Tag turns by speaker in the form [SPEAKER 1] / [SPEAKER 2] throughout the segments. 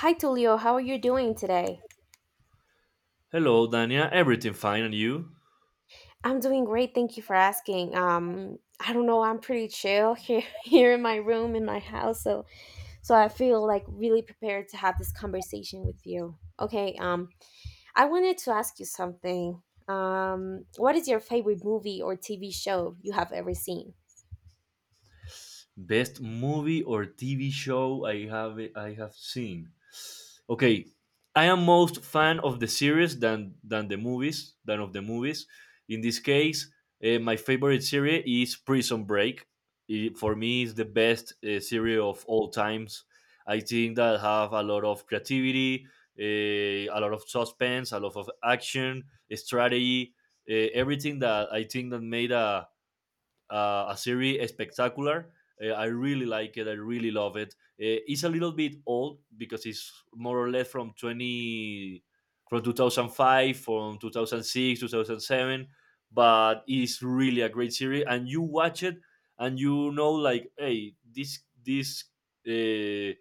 [SPEAKER 1] Hi, Tulio. How are you doing today?
[SPEAKER 2] Hello, Dania. Everything fine, and you?
[SPEAKER 1] I'm doing great. Thank you for asking. I don't know. I'm pretty chill here, here in my room in my house, so I feel like really prepared to have this conversation with you. Okay. I wanted to ask you something. What is your favorite movie or TV show you have ever seen?
[SPEAKER 2] Best movie or TV show I have seen. Okay, I am most fan of the series than the movies than of the movies. In this case, my favorite series is Prison Break. It, for me, is the best series of all times. I think that have a lot of creativity, a lot of suspense, a lot of action, strategy, everything that I think that made a series spectacular. I really like it. I really love it. It's a little bit old because it's more or less from 20, from 2005, from 2006, 2007. But it's really a great series, and you watch it, and hey, this uh,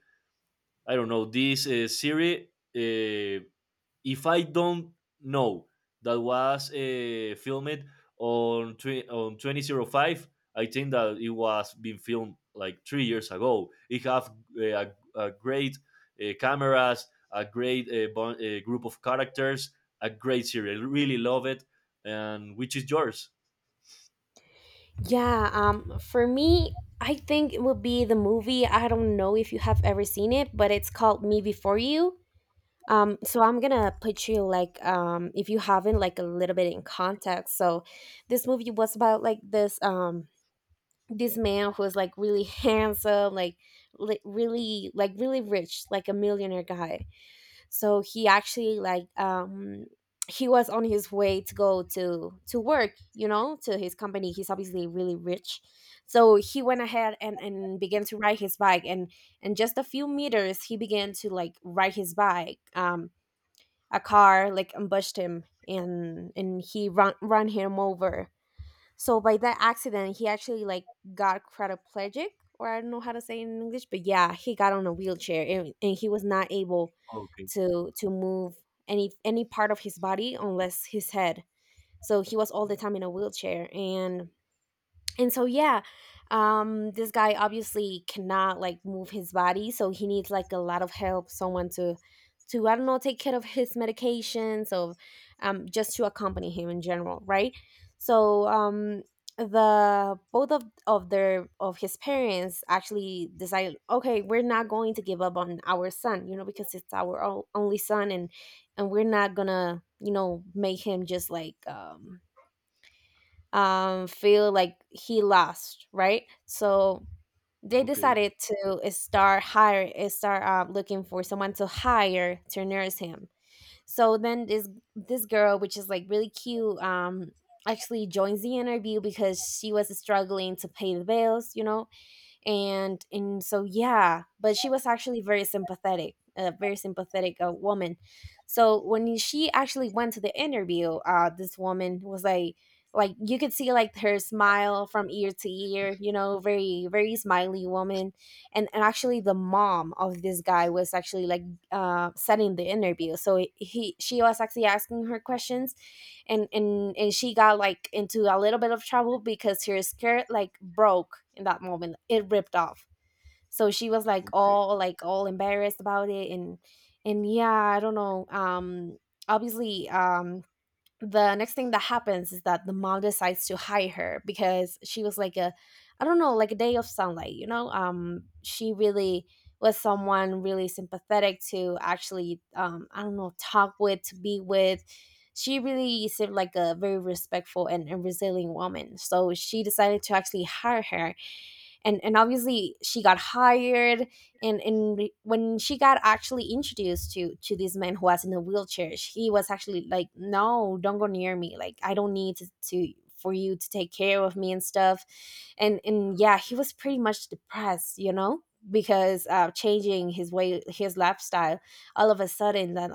[SPEAKER 2] I don't know, this series uh, if I don't know that was filmed on on 2005, I think that it was being filmed like 3 years ago. It have a great cameras, a great group of characters, a great series. I really love it. And which is yours?
[SPEAKER 1] Yeah, for me, I think it would be the movie. I don't know if you have ever seen it, but it's called Me Before You. So I'm gonna put you like, if you haven't, like, a little bit in context. So this movie was about, like, this man who was like really handsome, like really, like really rich, like a millionaire guy. So he actually, like, he was on his way to go to work, you know, to his company. He's obviously really rich. So he went ahead and began to ride his bike. And just a few meters, he began to, like, ride his bike. A car, like, ambushed him, and he run him over. So by that accident, he actually, like, got quadriplegic, or I don't know how to say it in English, but yeah, he got on a wheelchair, and he was not able
[SPEAKER 2] Okay,
[SPEAKER 1] to move any part of his body unless his head. So he was all the time in a wheelchair, and so yeah, this guy obviously cannot, like, move his body, so he needs, like, a lot of help, someone to I don't know, take care of his medications, or just to accompany him in general, right? So, the both of his parents actually decided, okay, we're not going to give up on our son, you know, because it's our only son. And we're not gonna, you know, make him just, like, feel like he lost, right? So they
[SPEAKER 2] okay.
[SPEAKER 1] decided to start hire, start looking for someone to hire to nurse him. So then this girl, which is, like, really cute, actually joins the interview because she was struggling to pay the bills, you know, and so yeah, but she was actually very sympathetic, a very sympathetic woman. So when she actually went to the interview, this woman was, like, you could see, like, her smile from ear to ear, you know, very very smiley woman. And actually the mom of this guy was actually, like, setting the interview. So he she was actually asking her questions. And she got, like, into a little bit of trouble because her skirt, like, broke in that moment, it ripped off. So she was, like, all, like, all embarrassed about it, and yeah, I don't know, obviously, the next thing that happens is that the mom decides to hire her because she was like a, I don't know, like a day of sunlight, you know. She really was someone really sympathetic to actually, I don't know, talk with, to be with. She really seemed like a very respectful and resilient woman, so she decided to actually hire her. And obviously, she got hired. And When she got actually introduced to this man who was in a wheelchair, she was actually like, no, don't go near me, like, I don't need to for you to take care of me and stuff. And yeah, he was pretty much depressed, you know, because changing his way, his lifestyle all of a sudden,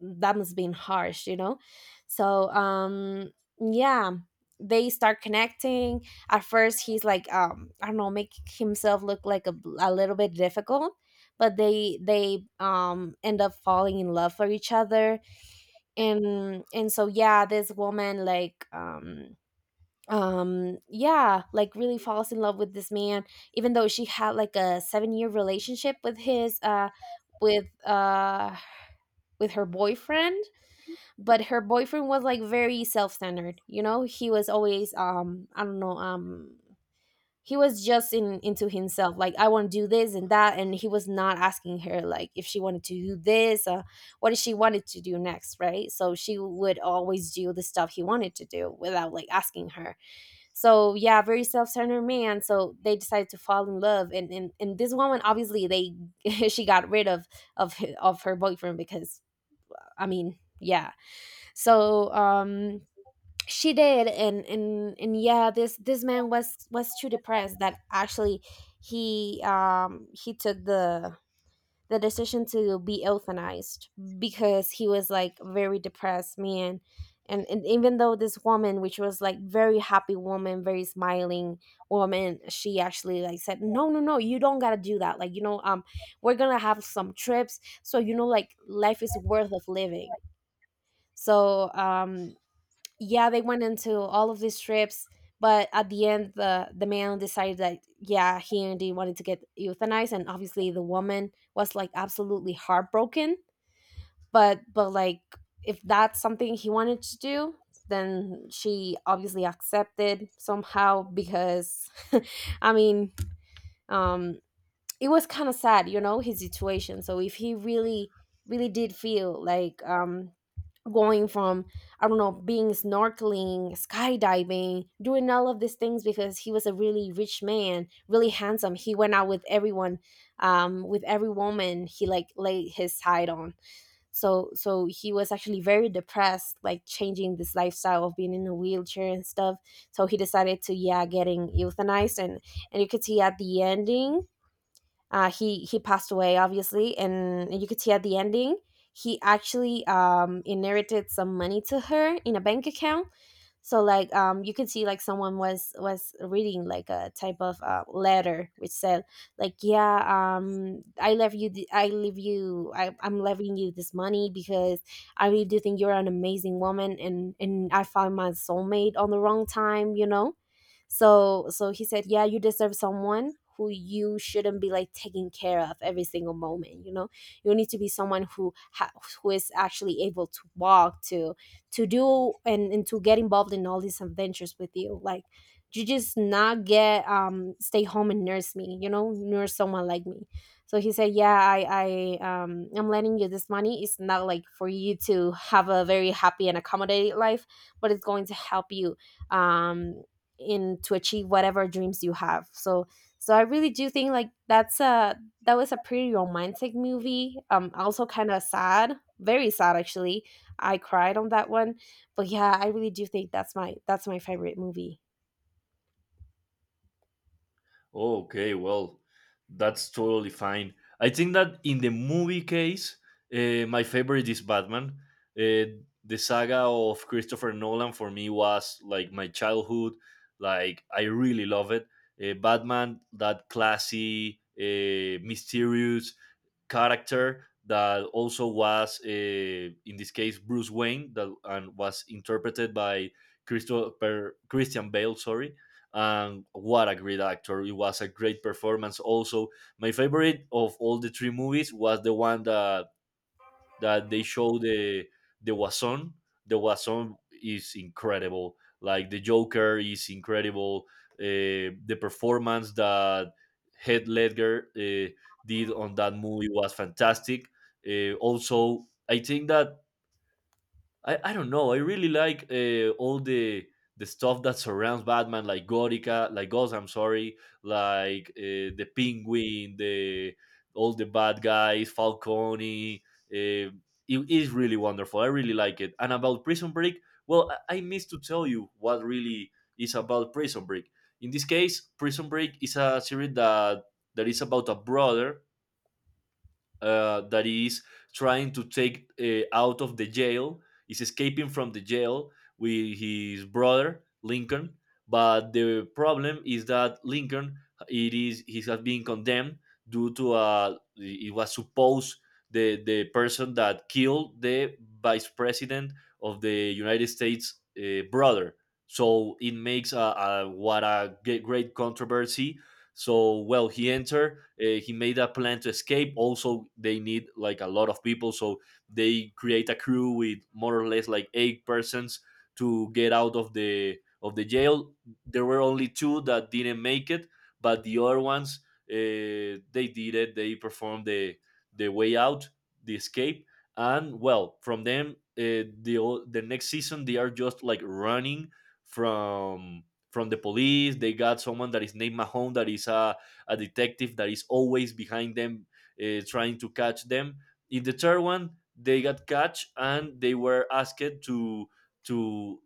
[SPEAKER 1] that must have been harsh, you know. So, yeah, they start connecting. At first he's like, I don't know, make himself look like a little bit difficult. But they end up falling in love for each other. And so yeah, this woman, like, yeah, like, really falls in love with this man, even though she had like a 7-year relationship with his with uh with her boyfriend. But her boyfriend was, like, very self-centered, you know. He was always, I don't know, he was just in into himself, like, I want to do this and that. And he was not asking her, like, if she wanted to do this what she wanted to do next, right? So she would always do the stuff he wanted to do without, like, asking her. So yeah, very self-centered man. So they decided to fall in love. And this woman, obviously, they she got rid of her boyfriend because, I mean, yeah. So, she did. And yeah, this man was too depressed that actually he, he took the decision to be euthanized, because he was, like, very depressed man. And even though this woman, which was, like, very happy woman, very smiling woman, she actually, like, said, no, no, no, you don't gotta do that, like, you know, we're gonna have some trips, so you know, like, life is worth of living. So, yeah, they went into all of these trips. But at the end, the man decided that yeah, he indeed wanted to get euthanized, and obviously the woman was, like, absolutely heartbroken. But, like, if that's something he wanted to do, then she obviously accepted somehow because I mean, um it was kind of sad, you know, his situation. So if he really, really did feel like, going from, I don't know, being snorkeling, skydiving, doing all of these things, because he was a really rich man, really handsome. He went out with everyone, with every woman he, like, laid his side on. So, he was actually very depressed, like, changing this lifestyle of being in a wheelchair and stuff. So he decided to, yeah, getting euthanized. And you could see at the ending, he passed away obviously. And you could see at the ending, he actually, inherited some money to her in a bank account. So, like, you could see, like, someone was reading, like, a type of letter which said, like, yeah, I left you th- I leave you I'm leaving you this money, because I really do think you're an amazing woman. And I found my soulmate on the wrong time, you know. So he said, yeah, you deserve someone who you shouldn't be like taking care of every single moment, you know? You need to be someone who who is actually able to walk, to do, and to get involved in all these adventures with you, like, you just not get stay home and nurse me, you know, nurse someone like me. So he said, yeah, I'm lending you this money. It's not like for you to have a very happy and accommodated life, but it's going to help you, um in to achieve whatever dreams you have. So I really do think like that was a pretty romantic movie, also kind of sad, very sad actually. I cried on that one. But yeah, I really do think that's my favorite movie.
[SPEAKER 2] Okay, well, that's totally fine. I think that in the movie case, my favorite is Batman. The saga of Christopher Nolan for me was like my childhood. Like, I really love it. Batman, that classy, mysterious character that also was, in this case, Bruce Wayne, that and was interpreted by Christopher Christian Bale, sorry. And what a great actor, it was a great performance. Also, my favorite of all the three movies was the one that they show the Wason. The Wason is incredible. Like, the Joker is incredible. The performance that Heath Ledger did on that movie was fantastic. Also, I think that I don't know. I really like all the stuff that surrounds Batman, like Gorica, like Ghost. I'm sorry, like the Penguin, the all the bad guys, Falcone. Uh, it is really wonderful. I really like it. And about Prison Break, well, I missed to tell you what really is about Prison Break. In this case, Prison Break is a series that is about a brother that is trying to take out of the jail, is escaping from the jail with his brother Lincoln. But the problem is that Lincoln, it is he has been condemned due to it was supposed the person that killed the vice president of the United States, brother. So it makes a what a great controversy. So well, he entered. He made a plan to escape. Also, they need like a lot of people, so they create a crew with more or less like eight persons to get out of the jail. There were only two that didn't make it, but the other ones they did it. They performed the way out, the escape, and well, from them the the next season they are just like running from from the police. They got someone that is named Mahone, that is a detective that is always behind them, trying to catch them. In the third one, they got caught and they were asked to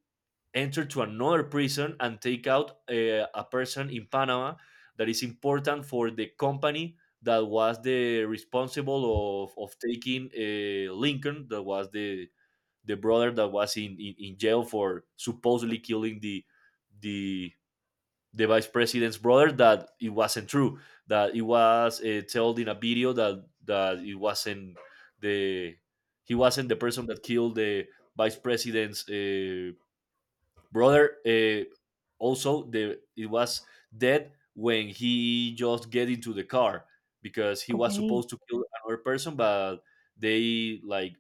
[SPEAKER 2] enter to another prison and take out a person in Panama that is important for the company that was the responsible of taking Lincoln, that was the brother that was in jail for supposedly killing the the vice president's brother, that it wasn't true, that it was told in a video that it wasn't the he wasn't the person that killed the vice president's brother. Also, the it was dead when he just get into the car because he was
[SPEAKER 1] Okay.
[SPEAKER 2] supposed to kill another person, but they like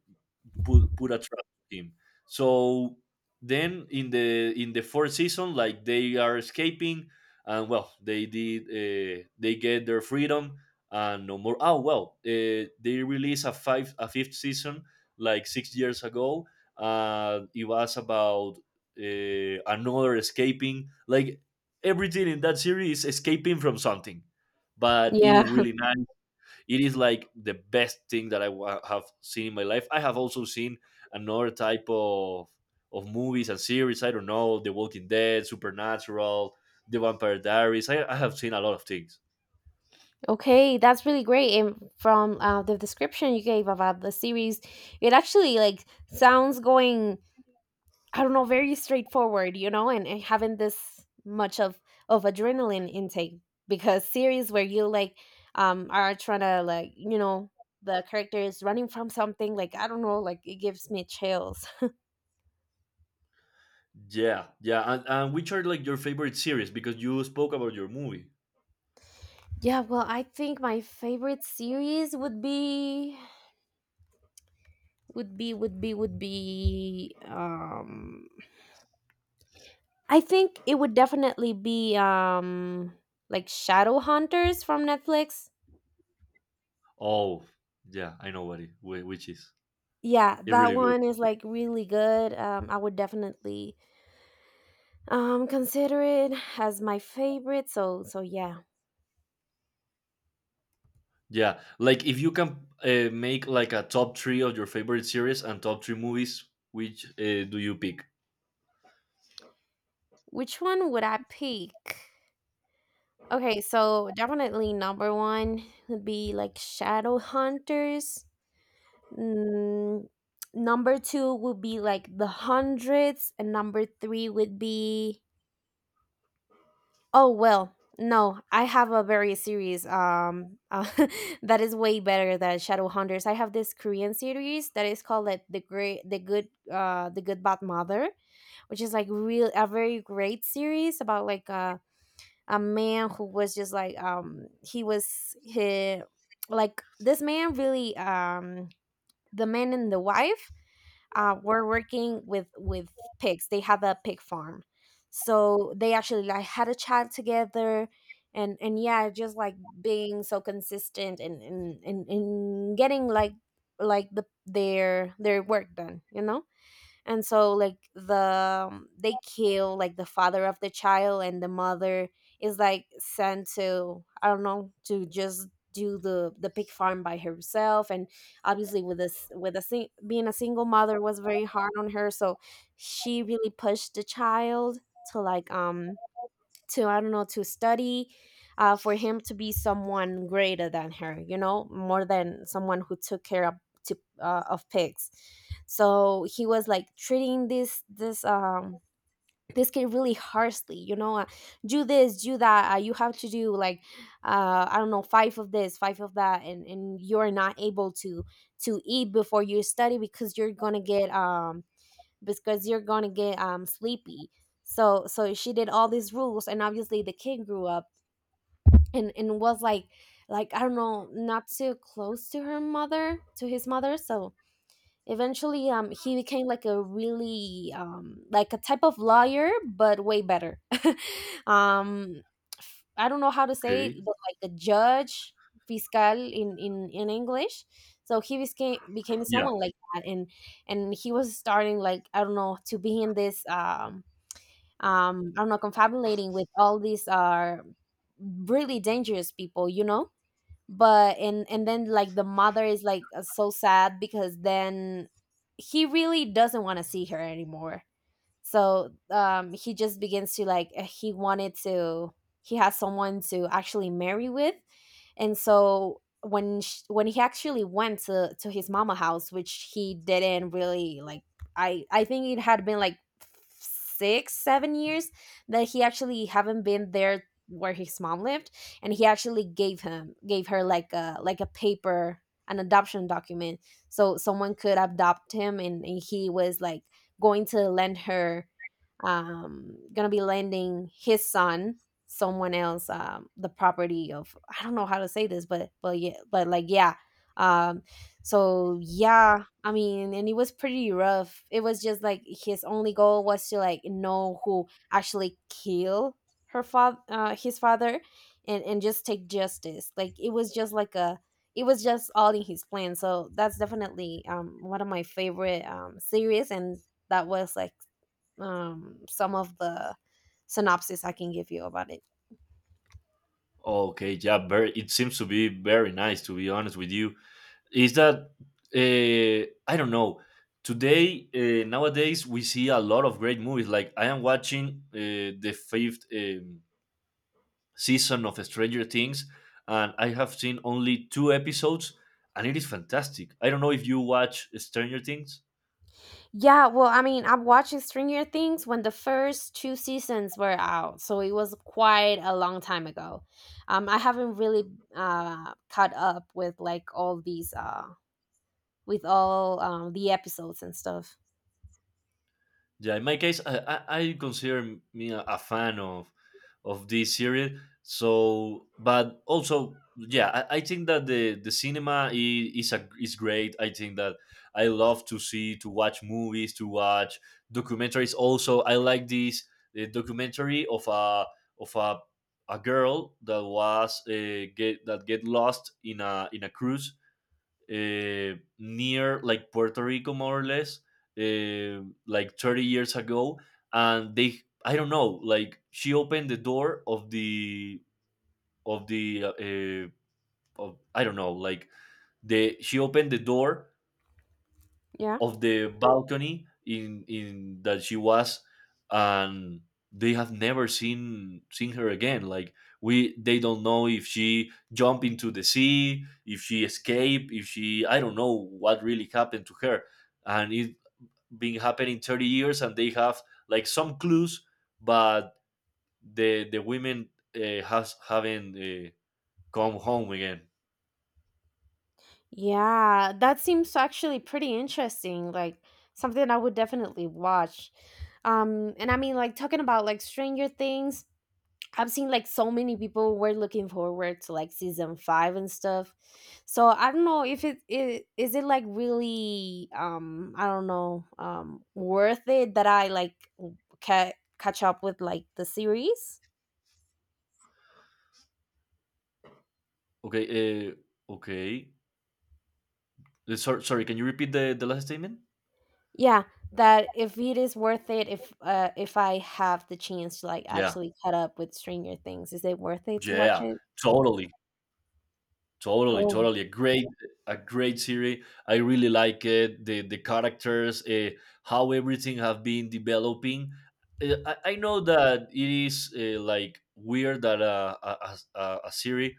[SPEAKER 2] put a trap on him. So then in the fourth season, like they are escaping, and well, they did they get their freedom and no more. Oh well, they released a fifth season like 6 years ago. It was about another escaping. Like, everything in that series is escaping from something, but it is
[SPEAKER 1] Yeah.
[SPEAKER 2] really nice. It is like the best thing that I have seen in my life. I have also seen another type of movies and series. I don't know, The Walking Dead, Supernatural, The Vampire Diaries. I have seen a lot of things.
[SPEAKER 1] Okay, that's really great. And from the description you gave about the series, it actually, like, sounds going, I don't know, very straightforward, you know, and having this much of adrenaline intake, because series where you, like, are trying to, like, you know, the character is running from something, like, I don't know, like, it gives me chills.
[SPEAKER 2] Yeah, yeah. And which are like your favorite series? Because you spoke about your movie.
[SPEAKER 1] Yeah, well, I think my favorite series would be would be would be would be um, I think it would definitely be, like, Shadow Hunters from Netflix.
[SPEAKER 2] Oh, yeah, I know what it which is.
[SPEAKER 1] Yeah,
[SPEAKER 2] It's
[SPEAKER 1] that
[SPEAKER 2] really good.
[SPEAKER 1] one is, like, really good. I would definitely consider it as my favorite. So yeah.
[SPEAKER 2] Yeah, like if you can make like a top three of your favorite series and top three movies, which do you pick?
[SPEAKER 1] Which one would I pick? Okay, so definitely number one would be, like, Shadow Hunters. Mm, number two would be, like, The Hundreds, and number three would be. Oh, well, no, I have a very series, that is way better than Shadowhunters. I have this Korean series that is called, like, the good bad mother, which is, like, real a very great series about, like, a man who was just, like, he was he, like, this man really, the man and the wife, are working with pigs. They have a pig farm, so they actually like had a child together, and yeah, just like being so consistent and getting like their work done. And so like they kill like the father of the child, and the mother is like sent to, I don't know, to just do the pig farm by herself. And obviously with this, with a being a single mother was very hard on her, so she really pushed the child to like to, I don't know, to study, for him to be someone greater than her, you know, more than someone who took care of, to, of pigs. So he was like treating this kid really harshly, you know. Do this, do that, you have to do like, I don't know, five of this, five of that. And you're not able to eat before you study, because you're gonna get because you're gonna get sleepy. So she did all these rules, and obviously the kid grew up and was like I don't know, not too close to her mother, to his mother. So eventually, he became like a really like a type of lawyer, but way better. um, I don't know how to say it,
[SPEAKER 2] Okay.
[SPEAKER 1] but like a judge, fiscal in in English. So he became
[SPEAKER 2] Yeah.
[SPEAKER 1] someone like that, and he was starting like, I don't know, to be in this um, I don't know, confabulating with all these really dangerous people, you know. But and and then like the mother is like, so sad, because then he really doesn't want to see her anymore. So he just begins to like, he wanted to, he has someone to actually marry with. And so when sh when he actually went to his mama house, which he didn't really like, I think it had been like 6-7 years that he actually haven't been there, where his mom lived. And he actually gave her like a paper, an adoption document, so someone could adopt him. And he was like going to lend her, gonna be lending his son someone else, the property of, I don't know how to say this, but yeah, but like yeah. Um, so yeah, I mean, and it was pretty rough. It was just like his only goal was to like know who actually killed her father, his father, and just take justice. Like it was just like a. it was just all in his plan. So that's definitely one of my favorite series, and that was like some of the synopsis I can give you about it.
[SPEAKER 2] Okay, yeah, very. It seems to be very nice. To be honest with you, is that uh, I don't know. Today, nowadays, we see a lot of great movies. Like, I am watching the fifth season of Stranger Things, and I have seen only two episodes, and it is fantastic. I don't know if you watch Stranger Things.
[SPEAKER 1] Yeah, well, I mean, I'm watching Stranger Things when the first two seasons were out, so it was quite a long time ago. I haven't really caught up with like all these with all the episodes and stuff.
[SPEAKER 2] Yeah, in my case, I consider me a fan of this series. So, but also, yeah, I think that the cinema is is great. I think that I love to see, to watch movies, to watch documentaries. Also, I like this the documentary of a girl that was get lost in a cruise uh, near like Puerto Rico, more or less, uh, like 30 years ago, and they I don't know, like she opened the door of the of the of I don't know, like the she opened the door
[SPEAKER 1] Yeah.
[SPEAKER 2] of the balcony in that she was and they have never seen her again. Like, we they don't know if she jumped into the sea, if she escaped, if she I don't know what really happened to her. And it been happening 30 years, and they have like some clues. But the women has haven't come home again.
[SPEAKER 1] Yeah, that seems actually pretty interesting. Like something I would definitely watch. And I mean, like talking about like Stranger Things, I've seen like so many people were looking forward to like season five and stuff. So I don't know if it is it like really I don't know worth it that I like ca- catch up with like the series.
[SPEAKER 2] Okay, okay. Sorry, can you repeat the last statement?
[SPEAKER 1] Yeah, that if it is worth it, if I have the chance to like
[SPEAKER 2] Yeah.
[SPEAKER 1] actually cut up with Stranger Things, is it worth it to watch
[SPEAKER 2] Yeah,
[SPEAKER 1] it?
[SPEAKER 2] totally, totally,
[SPEAKER 1] Oh,
[SPEAKER 2] totally. A great series. I really like it. The characters, how everything have been developing. I know that it is like weird that a series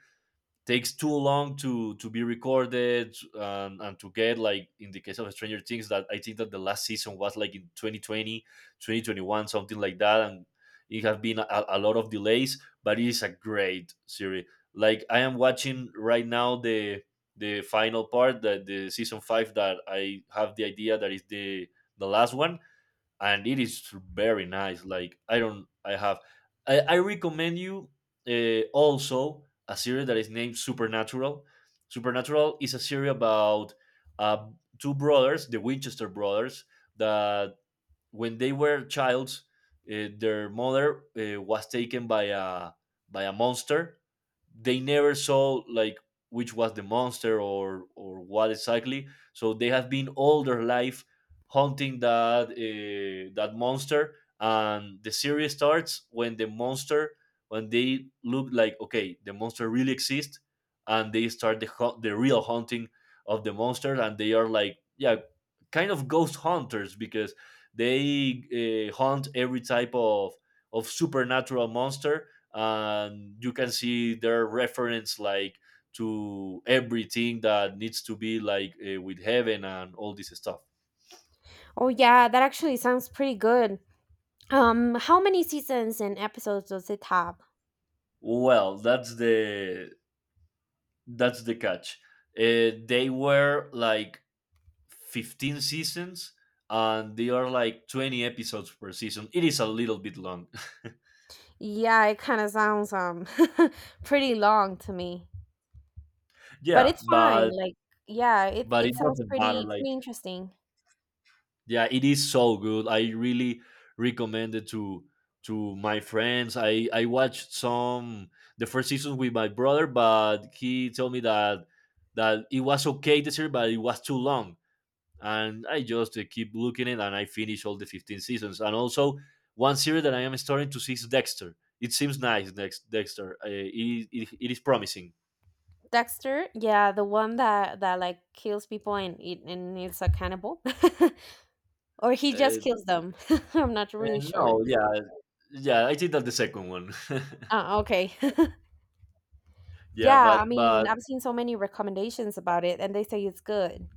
[SPEAKER 2] takes too long to be recorded, and to get like in the case of Stranger Things, that I think that the last season was like in 2020 twenty twenty one, something like that. And it has been a lot of delays, but it is a great series. Like, I am watching right now the final part, that the season five, that I have the idea that is the last one. And it is very nice. Like, I don't, I have, I recommend you also a series that is named Supernatural. Supernatural is a series about uh, two brothers, the Winchester brothers, that when they were childs, their mother was taken by a monster. They never saw like which was the monster or what exactly, so they have been all their life hunting that that monster. And the series starts when the monster when they look like, okay, the monster really exists, and they start the the real hunting of the monster. And they are like, yeah, kind of ghost hunters because they hunt every type of supernatural monster. And you can see their reference like to everything that needs to be like with heaven and all this stuff.
[SPEAKER 1] oh yeah, that actually sounds pretty good. How many seasons and episodes does it have?
[SPEAKER 2] Well, that's the catch. They were like 15 seasons, and they are like 20 episodes per season. It is a little bit long.
[SPEAKER 1] Yeah, it kind of sounds pretty long to me, but
[SPEAKER 2] Yeah,
[SPEAKER 1] it's fine. Like, yeah, it
[SPEAKER 2] but it
[SPEAKER 1] it sounds
[SPEAKER 2] doesn't matter,
[SPEAKER 1] pretty
[SPEAKER 2] like.
[SPEAKER 1] pretty interesting.
[SPEAKER 2] Yeah, it is so good. I really recommend it to my friends. I watched some the first season with my brother, but he told me that that it was okay this year, but it was too long. And I just keep looking it, and I finish all the 15 seasons. And also, one series that I am starting to see is Dexter. It seems nice, Dexter. It is promising.
[SPEAKER 1] Dexter, yeah, the one that like kills people and it and is a cannibal, or he just
[SPEAKER 2] Uh,
[SPEAKER 1] kills them. I'm not really
[SPEAKER 2] and
[SPEAKER 1] sure.
[SPEAKER 2] no, yeah, yeah. I think that the second one.
[SPEAKER 1] Okay.
[SPEAKER 2] Yeah,
[SPEAKER 1] Yeah, I mean,
[SPEAKER 2] but
[SPEAKER 1] I've seen so many recommendations about it, and they say it's good.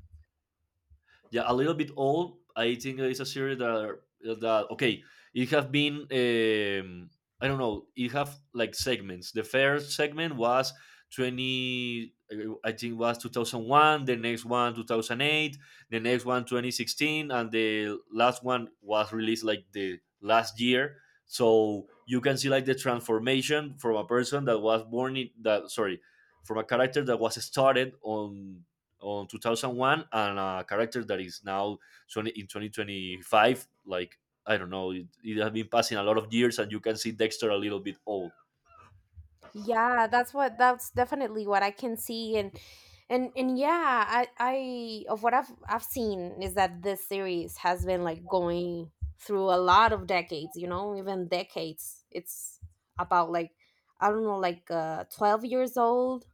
[SPEAKER 2] yeah, a little bit old. I think it's a series that that okay, it have been I don't know, it have like segments. The first segment was 20, I think was 2001, the next one 2008, the next one 2016, and the last one was released like the last year. So you can see like the transformation from a person that was born in from a character that was started on 2001 and a character that is now 20 in 2025. Like I don't know it, it has been passing a lot of years, and you can see Dexter a little bit old.
[SPEAKER 1] Yeah, that's what, that's definitely what I can see. And yeah, I, of what I've seen, is that this series has been like going through a lot of decades, you know, even decades. It's about like, I don't know, like 12 years old.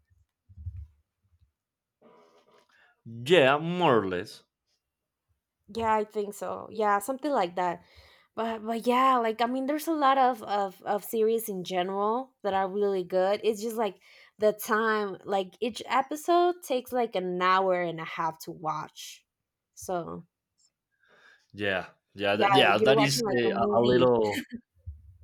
[SPEAKER 2] Yeah, more or less.
[SPEAKER 1] Yeah, I think so. Yeah, something like that. But yeah, like I mean there's a lot of series in general that are really good. It's just like the time, like each episode takes like an hour and a half to watch. So,
[SPEAKER 2] Yeah yeah that,
[SPEAKER 1] yeah,
[SPEAKER 2] yeah
[SPEAKER 1] you're
[SPEAKER 2] that is
[SPEAKER 1] watching like a
[SPEAKER 2] a
[SPEAKER 1] movie.
[SPEAKER 2] little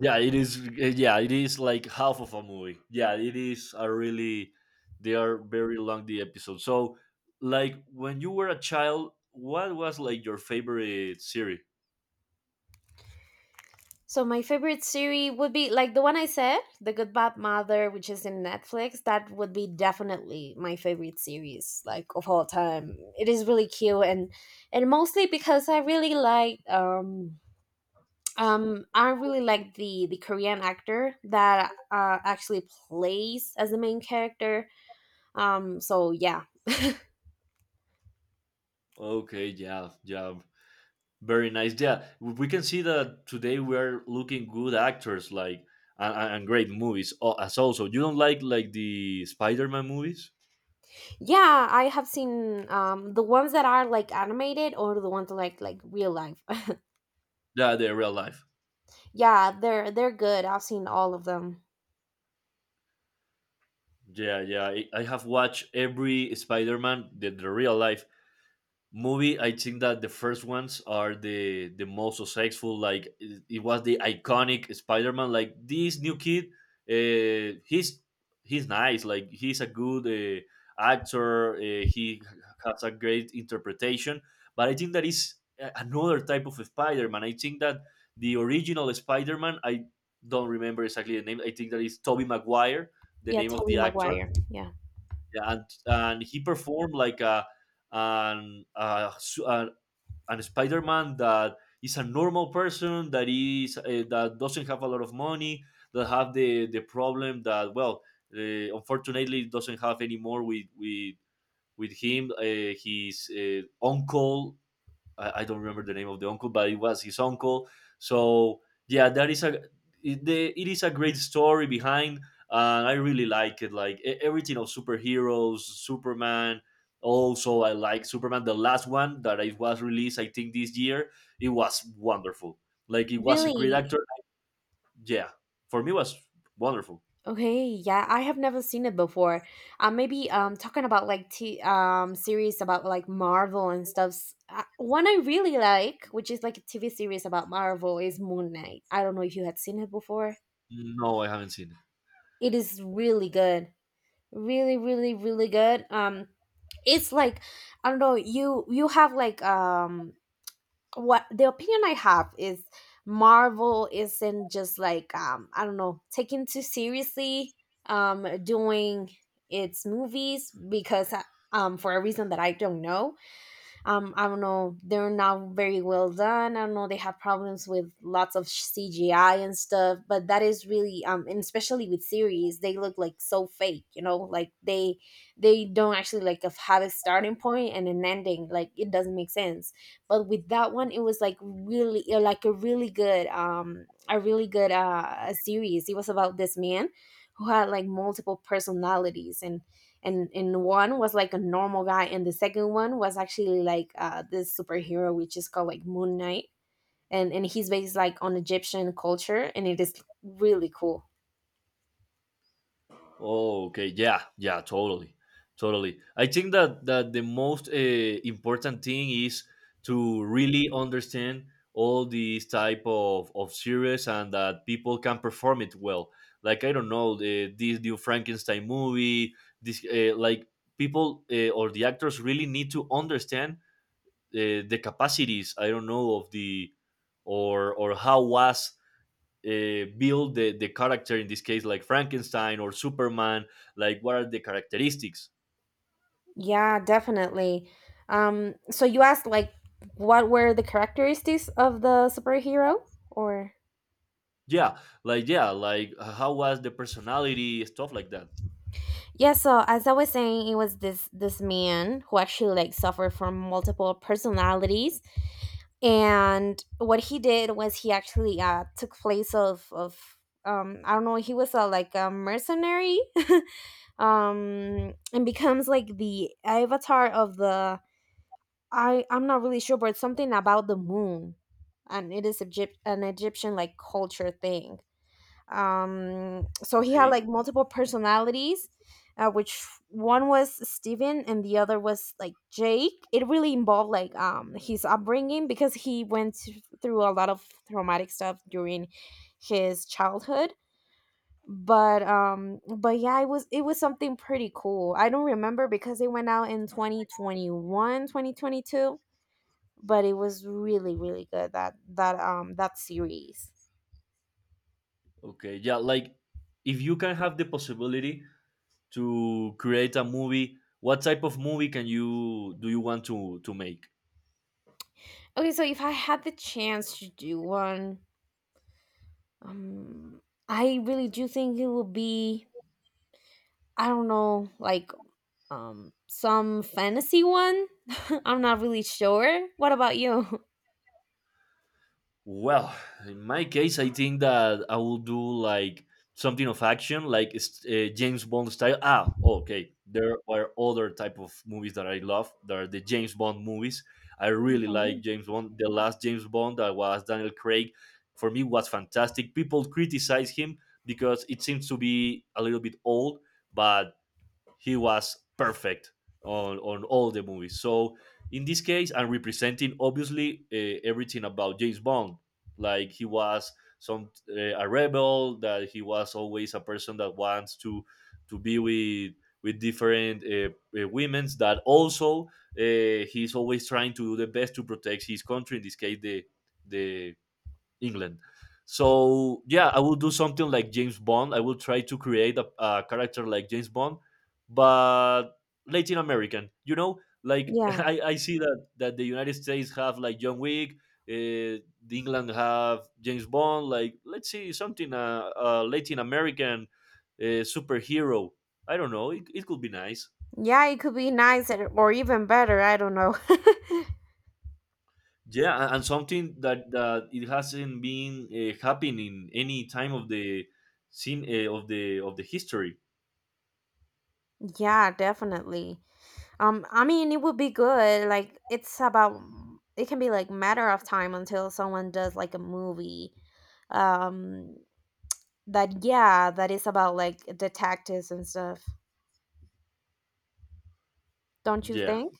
[SPEAKER 2] Yeah, it is yeah, it is like half of a movie. Yeah, it is a really, they are very long, the episodes. So like when you were a child, what was like your favorite series?
[SPEAKER 1] So my favorite series would be like the one I said, The Good Bad Mother, which is in Netflix. That would be definitely my favorite series, like of all time. It is really cute, and mostly because I really like the Korean actor that actually plays as the main character. So yeah.
[SPEAKER 2] Okay, yeah, yeah. Very nice. Yeah, we can see that today we are looking good actors, like and great movies. Oh, as also, you don't like the Spider-Man movies?
[SPEAKER 1] Yeah, I have seen the ones that are like animated, or the ones like real life.
[SPEAKER 2] Yeah, the real life.
[SPEAKER 1] Yeah, they're good. I've seen all of them.
[SPEAKER 2] Yeah, yeah. I have watched every Spider-Man, the real life movie. I think that the first ones are the most successful. Like it was the iconic Spider-Man. Like this new kid, uh, he's he's nice. Like he's a good actor. He has a great interpretation, but I think that is another type of Spider-Man. I think that the original Spider-Man, I don't remember exactly the name. I think that is Tobey Maguire, the
[SPEAKER 1] Yeah,
[SPEAKER 2] name of the
[SPEAKER 1] Tobey
[SPEAKER 2] actor.
[SPEAKER 1] Maguire. Yeah.
[SPEAKER 2] Yeah, and he performed like a an, uh, a Spider-Man that is a normal person, that is that doesn't have a lot of money, that have the problem that, well, unfortunately doesn't have anymore with him, his uncle. I don't remember the name of the uncle, but it was his uncle. So yeah, that is a, it is a great story behind. I really like it, like everything of superheroes, Superman. Also, I like Superman. The last one that I was released, I think this year, it was wonderful. Like it was a great
[SPEAKER 1] Really?
[SPEAKER 2] actor. Yeah, for me, it was wonderful.
[SPEAKER 1] Okay, yeah, I have never seen it before. Maybe talking about like t series about like Marvel and stuff. One I really like, which is like a TV series about Marvel, is Moon Knight. I don't know if you had seen it before.
[SPEAKER 2] No, I haven't seen it.
[SPEAKER 1] It is really good. Really, really, really good. It's like, I don't know, you have like what the opinion I have is Marvel isn't just like I don't know, taken too seriously doing its movies because for a reason that I don't know, I don't know, they're not very well done, I don't know, they have problems with lots of CGI and stuff, but that is really and especially with series they look like so fake, you know, like they don't actually like have a starting point and an ending, like it doesn't make sense. But with that one, it was like really like a really good series. It was about this man who had like multiple personalities, and one was like a normal guy, and the second one was actually like, this superhero which is called like Moon Knight. And he's based like on Egyptian culture, and it is really cool.
[SPEAKER 2] Oh, okay. Yeah, yeah, totally. Totally. I think that, that the most important thing is to really understand all these type of series, and that people can perform it well. Like, I don't know, this new Frankenstein movie, this like people or the actors really need to understand the capacities, I don't know, of the, or how was build the character in this case, like Frankenstein or Superman. Like what are the characteristics?
[SPEAKER 1] Yeah, definitely. So you asked like what were the characteristics of the superhero, or
[SPEAKER 2] Yeah, like, yeah, like how was the personality, stuff like that.
[SPEAKER 1] Yeah, so as I was saying, it was this this man who actually like suffered from multiple personalities, and what he did was he actually took place of, I don't know, he was a like a mercenary, and becomes like the avatar of the, I'm not really sure, but it's something about the moon. And it is Egypt, an Egyptian like culture thing. So he had
[SPEAKER 2] Okay,
[SPEAKER 1] like multiple personalities, which one was Steven and the other was like Jake. It really involved like his upbringing, because he went through a lot of traumatic stuff during his childhood. But yeah, it was, it was something pretty cool. I don't remember because it went out in 2021, 2022. But it was really really good, that that series.
[SPEAKER 2] okay. Yeah, like if you can have the possibility to create a movie, what type of movie can you do, you want to make?
[SPEAKER 1] Okay, so if I had the chance to do one, um I really do think it would be, I don't know, like some fantasy one. I'm not really sure, what about you?
[SPEAKER 2] Well, in my case, I think that I will do like something of action, like it's, James Bond style. Ah, okay. There are other type of movies that I love. There are the James Bond movies. I really like
[SPEAKER 1] Okay.
[SPEAKER 2] James Bond. The last James Bond that was Daniel Craig, for me, was fantastic. People criticize him because it seems to be a little bit old, but he was perfect on all the movies. So in this case, I'm representing obviously everything about James Bond. Like he was some a rebel, that he was always a person that wants to be with different women's. That also he's always trying to do the best to protect his country. In this case, the England. So yeah, I will do something like James Bond. I will try to create a character like James Bond, but Latin American. You know, like
[SPEAKER 1] Yeah.
[SPEAKER 2] I see that the United States have like John Wick, the England have James Bond. Like, let's see something Latin American superhero. I don't know. It could be nice.
[SPEAKER 1] Yeah, it could be nice, or even better. I don't know.
[SPEAKER 2] Yeah, and something that that it hasn't been happening any time of the scene, of the history.
[SPEAKER 1] Yeah, definitely. I mean, it would be good. Like, it's about, it can be like matter of time until someone does like a movie. Um, that, yeah, that is about like detectives and stuff. Don't you
[SPEAKER 2] Yeah,
[SPEAKER 1] think?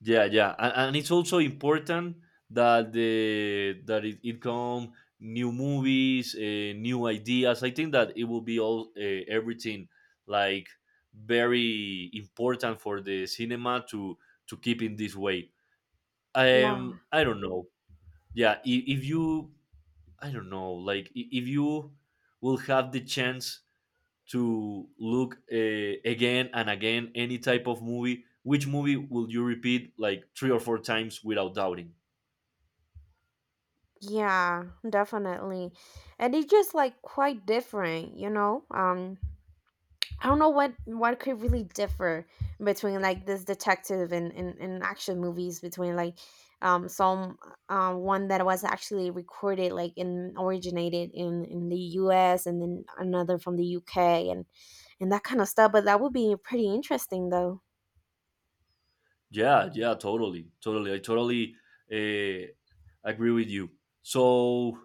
[SPEAKER 2] yeah, yeah. And it's also important that the that it come new movies, new ideas. I think that it will be all, everything like very important for the cinema to keep in this way.
[SPEAKER 1] Yeah.
[SPEAKER 2] Um, I don't know. Yeah, if you, I don't know, like if you will have the chance to look again and again any type of movie, which movie will you repeat like three or four times without doubting?
[SPEAKER 1] Yeah, definitely. And it's just like quite different, you know? I don't know what could really differ between like this detective and action movies, between like some one that was actually recorded like in originated in the US, and then another from the UK, and that kind of stuff, but that would be pretty interesting though.
[SPEAKER 2] Yeah, yeah, totally, totally. I totally uh, agree with you. So,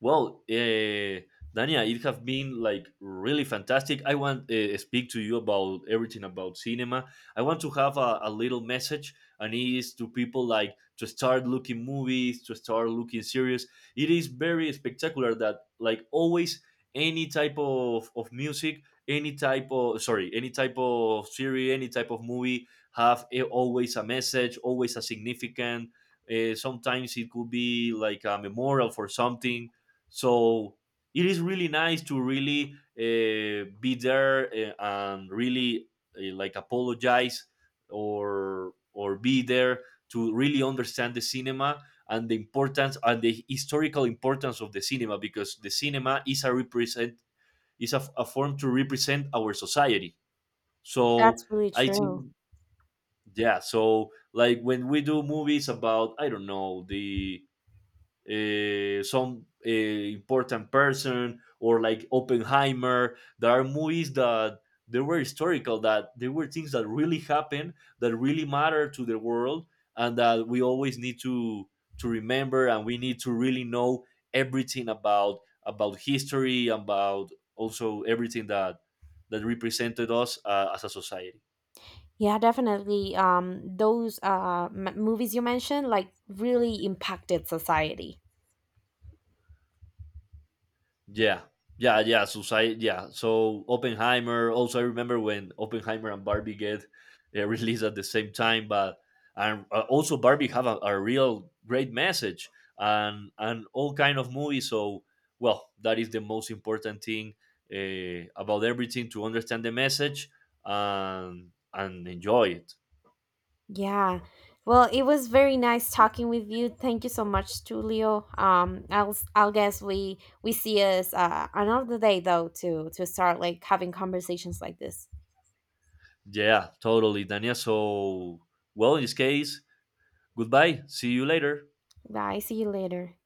[SPEAKER 2] well, Dania, it have been like really fantastic. I want speak to you about everything about cinema. I want to have a little message, and it is to people like to start looking movies, to start looking series. It is very spectacular that, like, always any type of music, any any type of series, any type of movie have always a message, always a significant. Sometimes it could be like a memorial for something. So it is really nice to really be there, and really like apologize or be there to really understand the cinema and the importance and the historical importance of the cinema, because the cinema is a a form to represent our society. So
[SPEAKER 1] That's really
[SPEAKER 2] I
[SPEAKER 1] true.
[SPEAKER 2] think, yeah, so like when we do movies about, I don't know, the, some important person, or like Oppenheimer. There are movies that they were historical, that they were things that really happened, that really matter to the world, and that we always need to remember, and we need to really know everything about history, about also everything that, that represented us as a society.
[SPEAKER 1] Yeah, definitely. Those movies you mentioned like really impacted society.
[SPEAKER 2] Yeah, yeah, yeah. Society, yeah. So Oppenheimer. Also, I remember when Oppenheimer and Barbie get released at the same time, but and also Barbie have a real great message, and all kind of movies. So, well, that is the most important thing about everything, to understand the message and enjoy it.
[SPEAKER 1] Yeah. Well, it was very nice talking with you. Thank you so much, Julio. I'll guess we see us another day though, to start like having conversations like this.
[SPEAKER 2] Yeah, totally, Dania. So, well, in this case, goodbye. See you later.
[SPEAKER 1] Bye. See you later.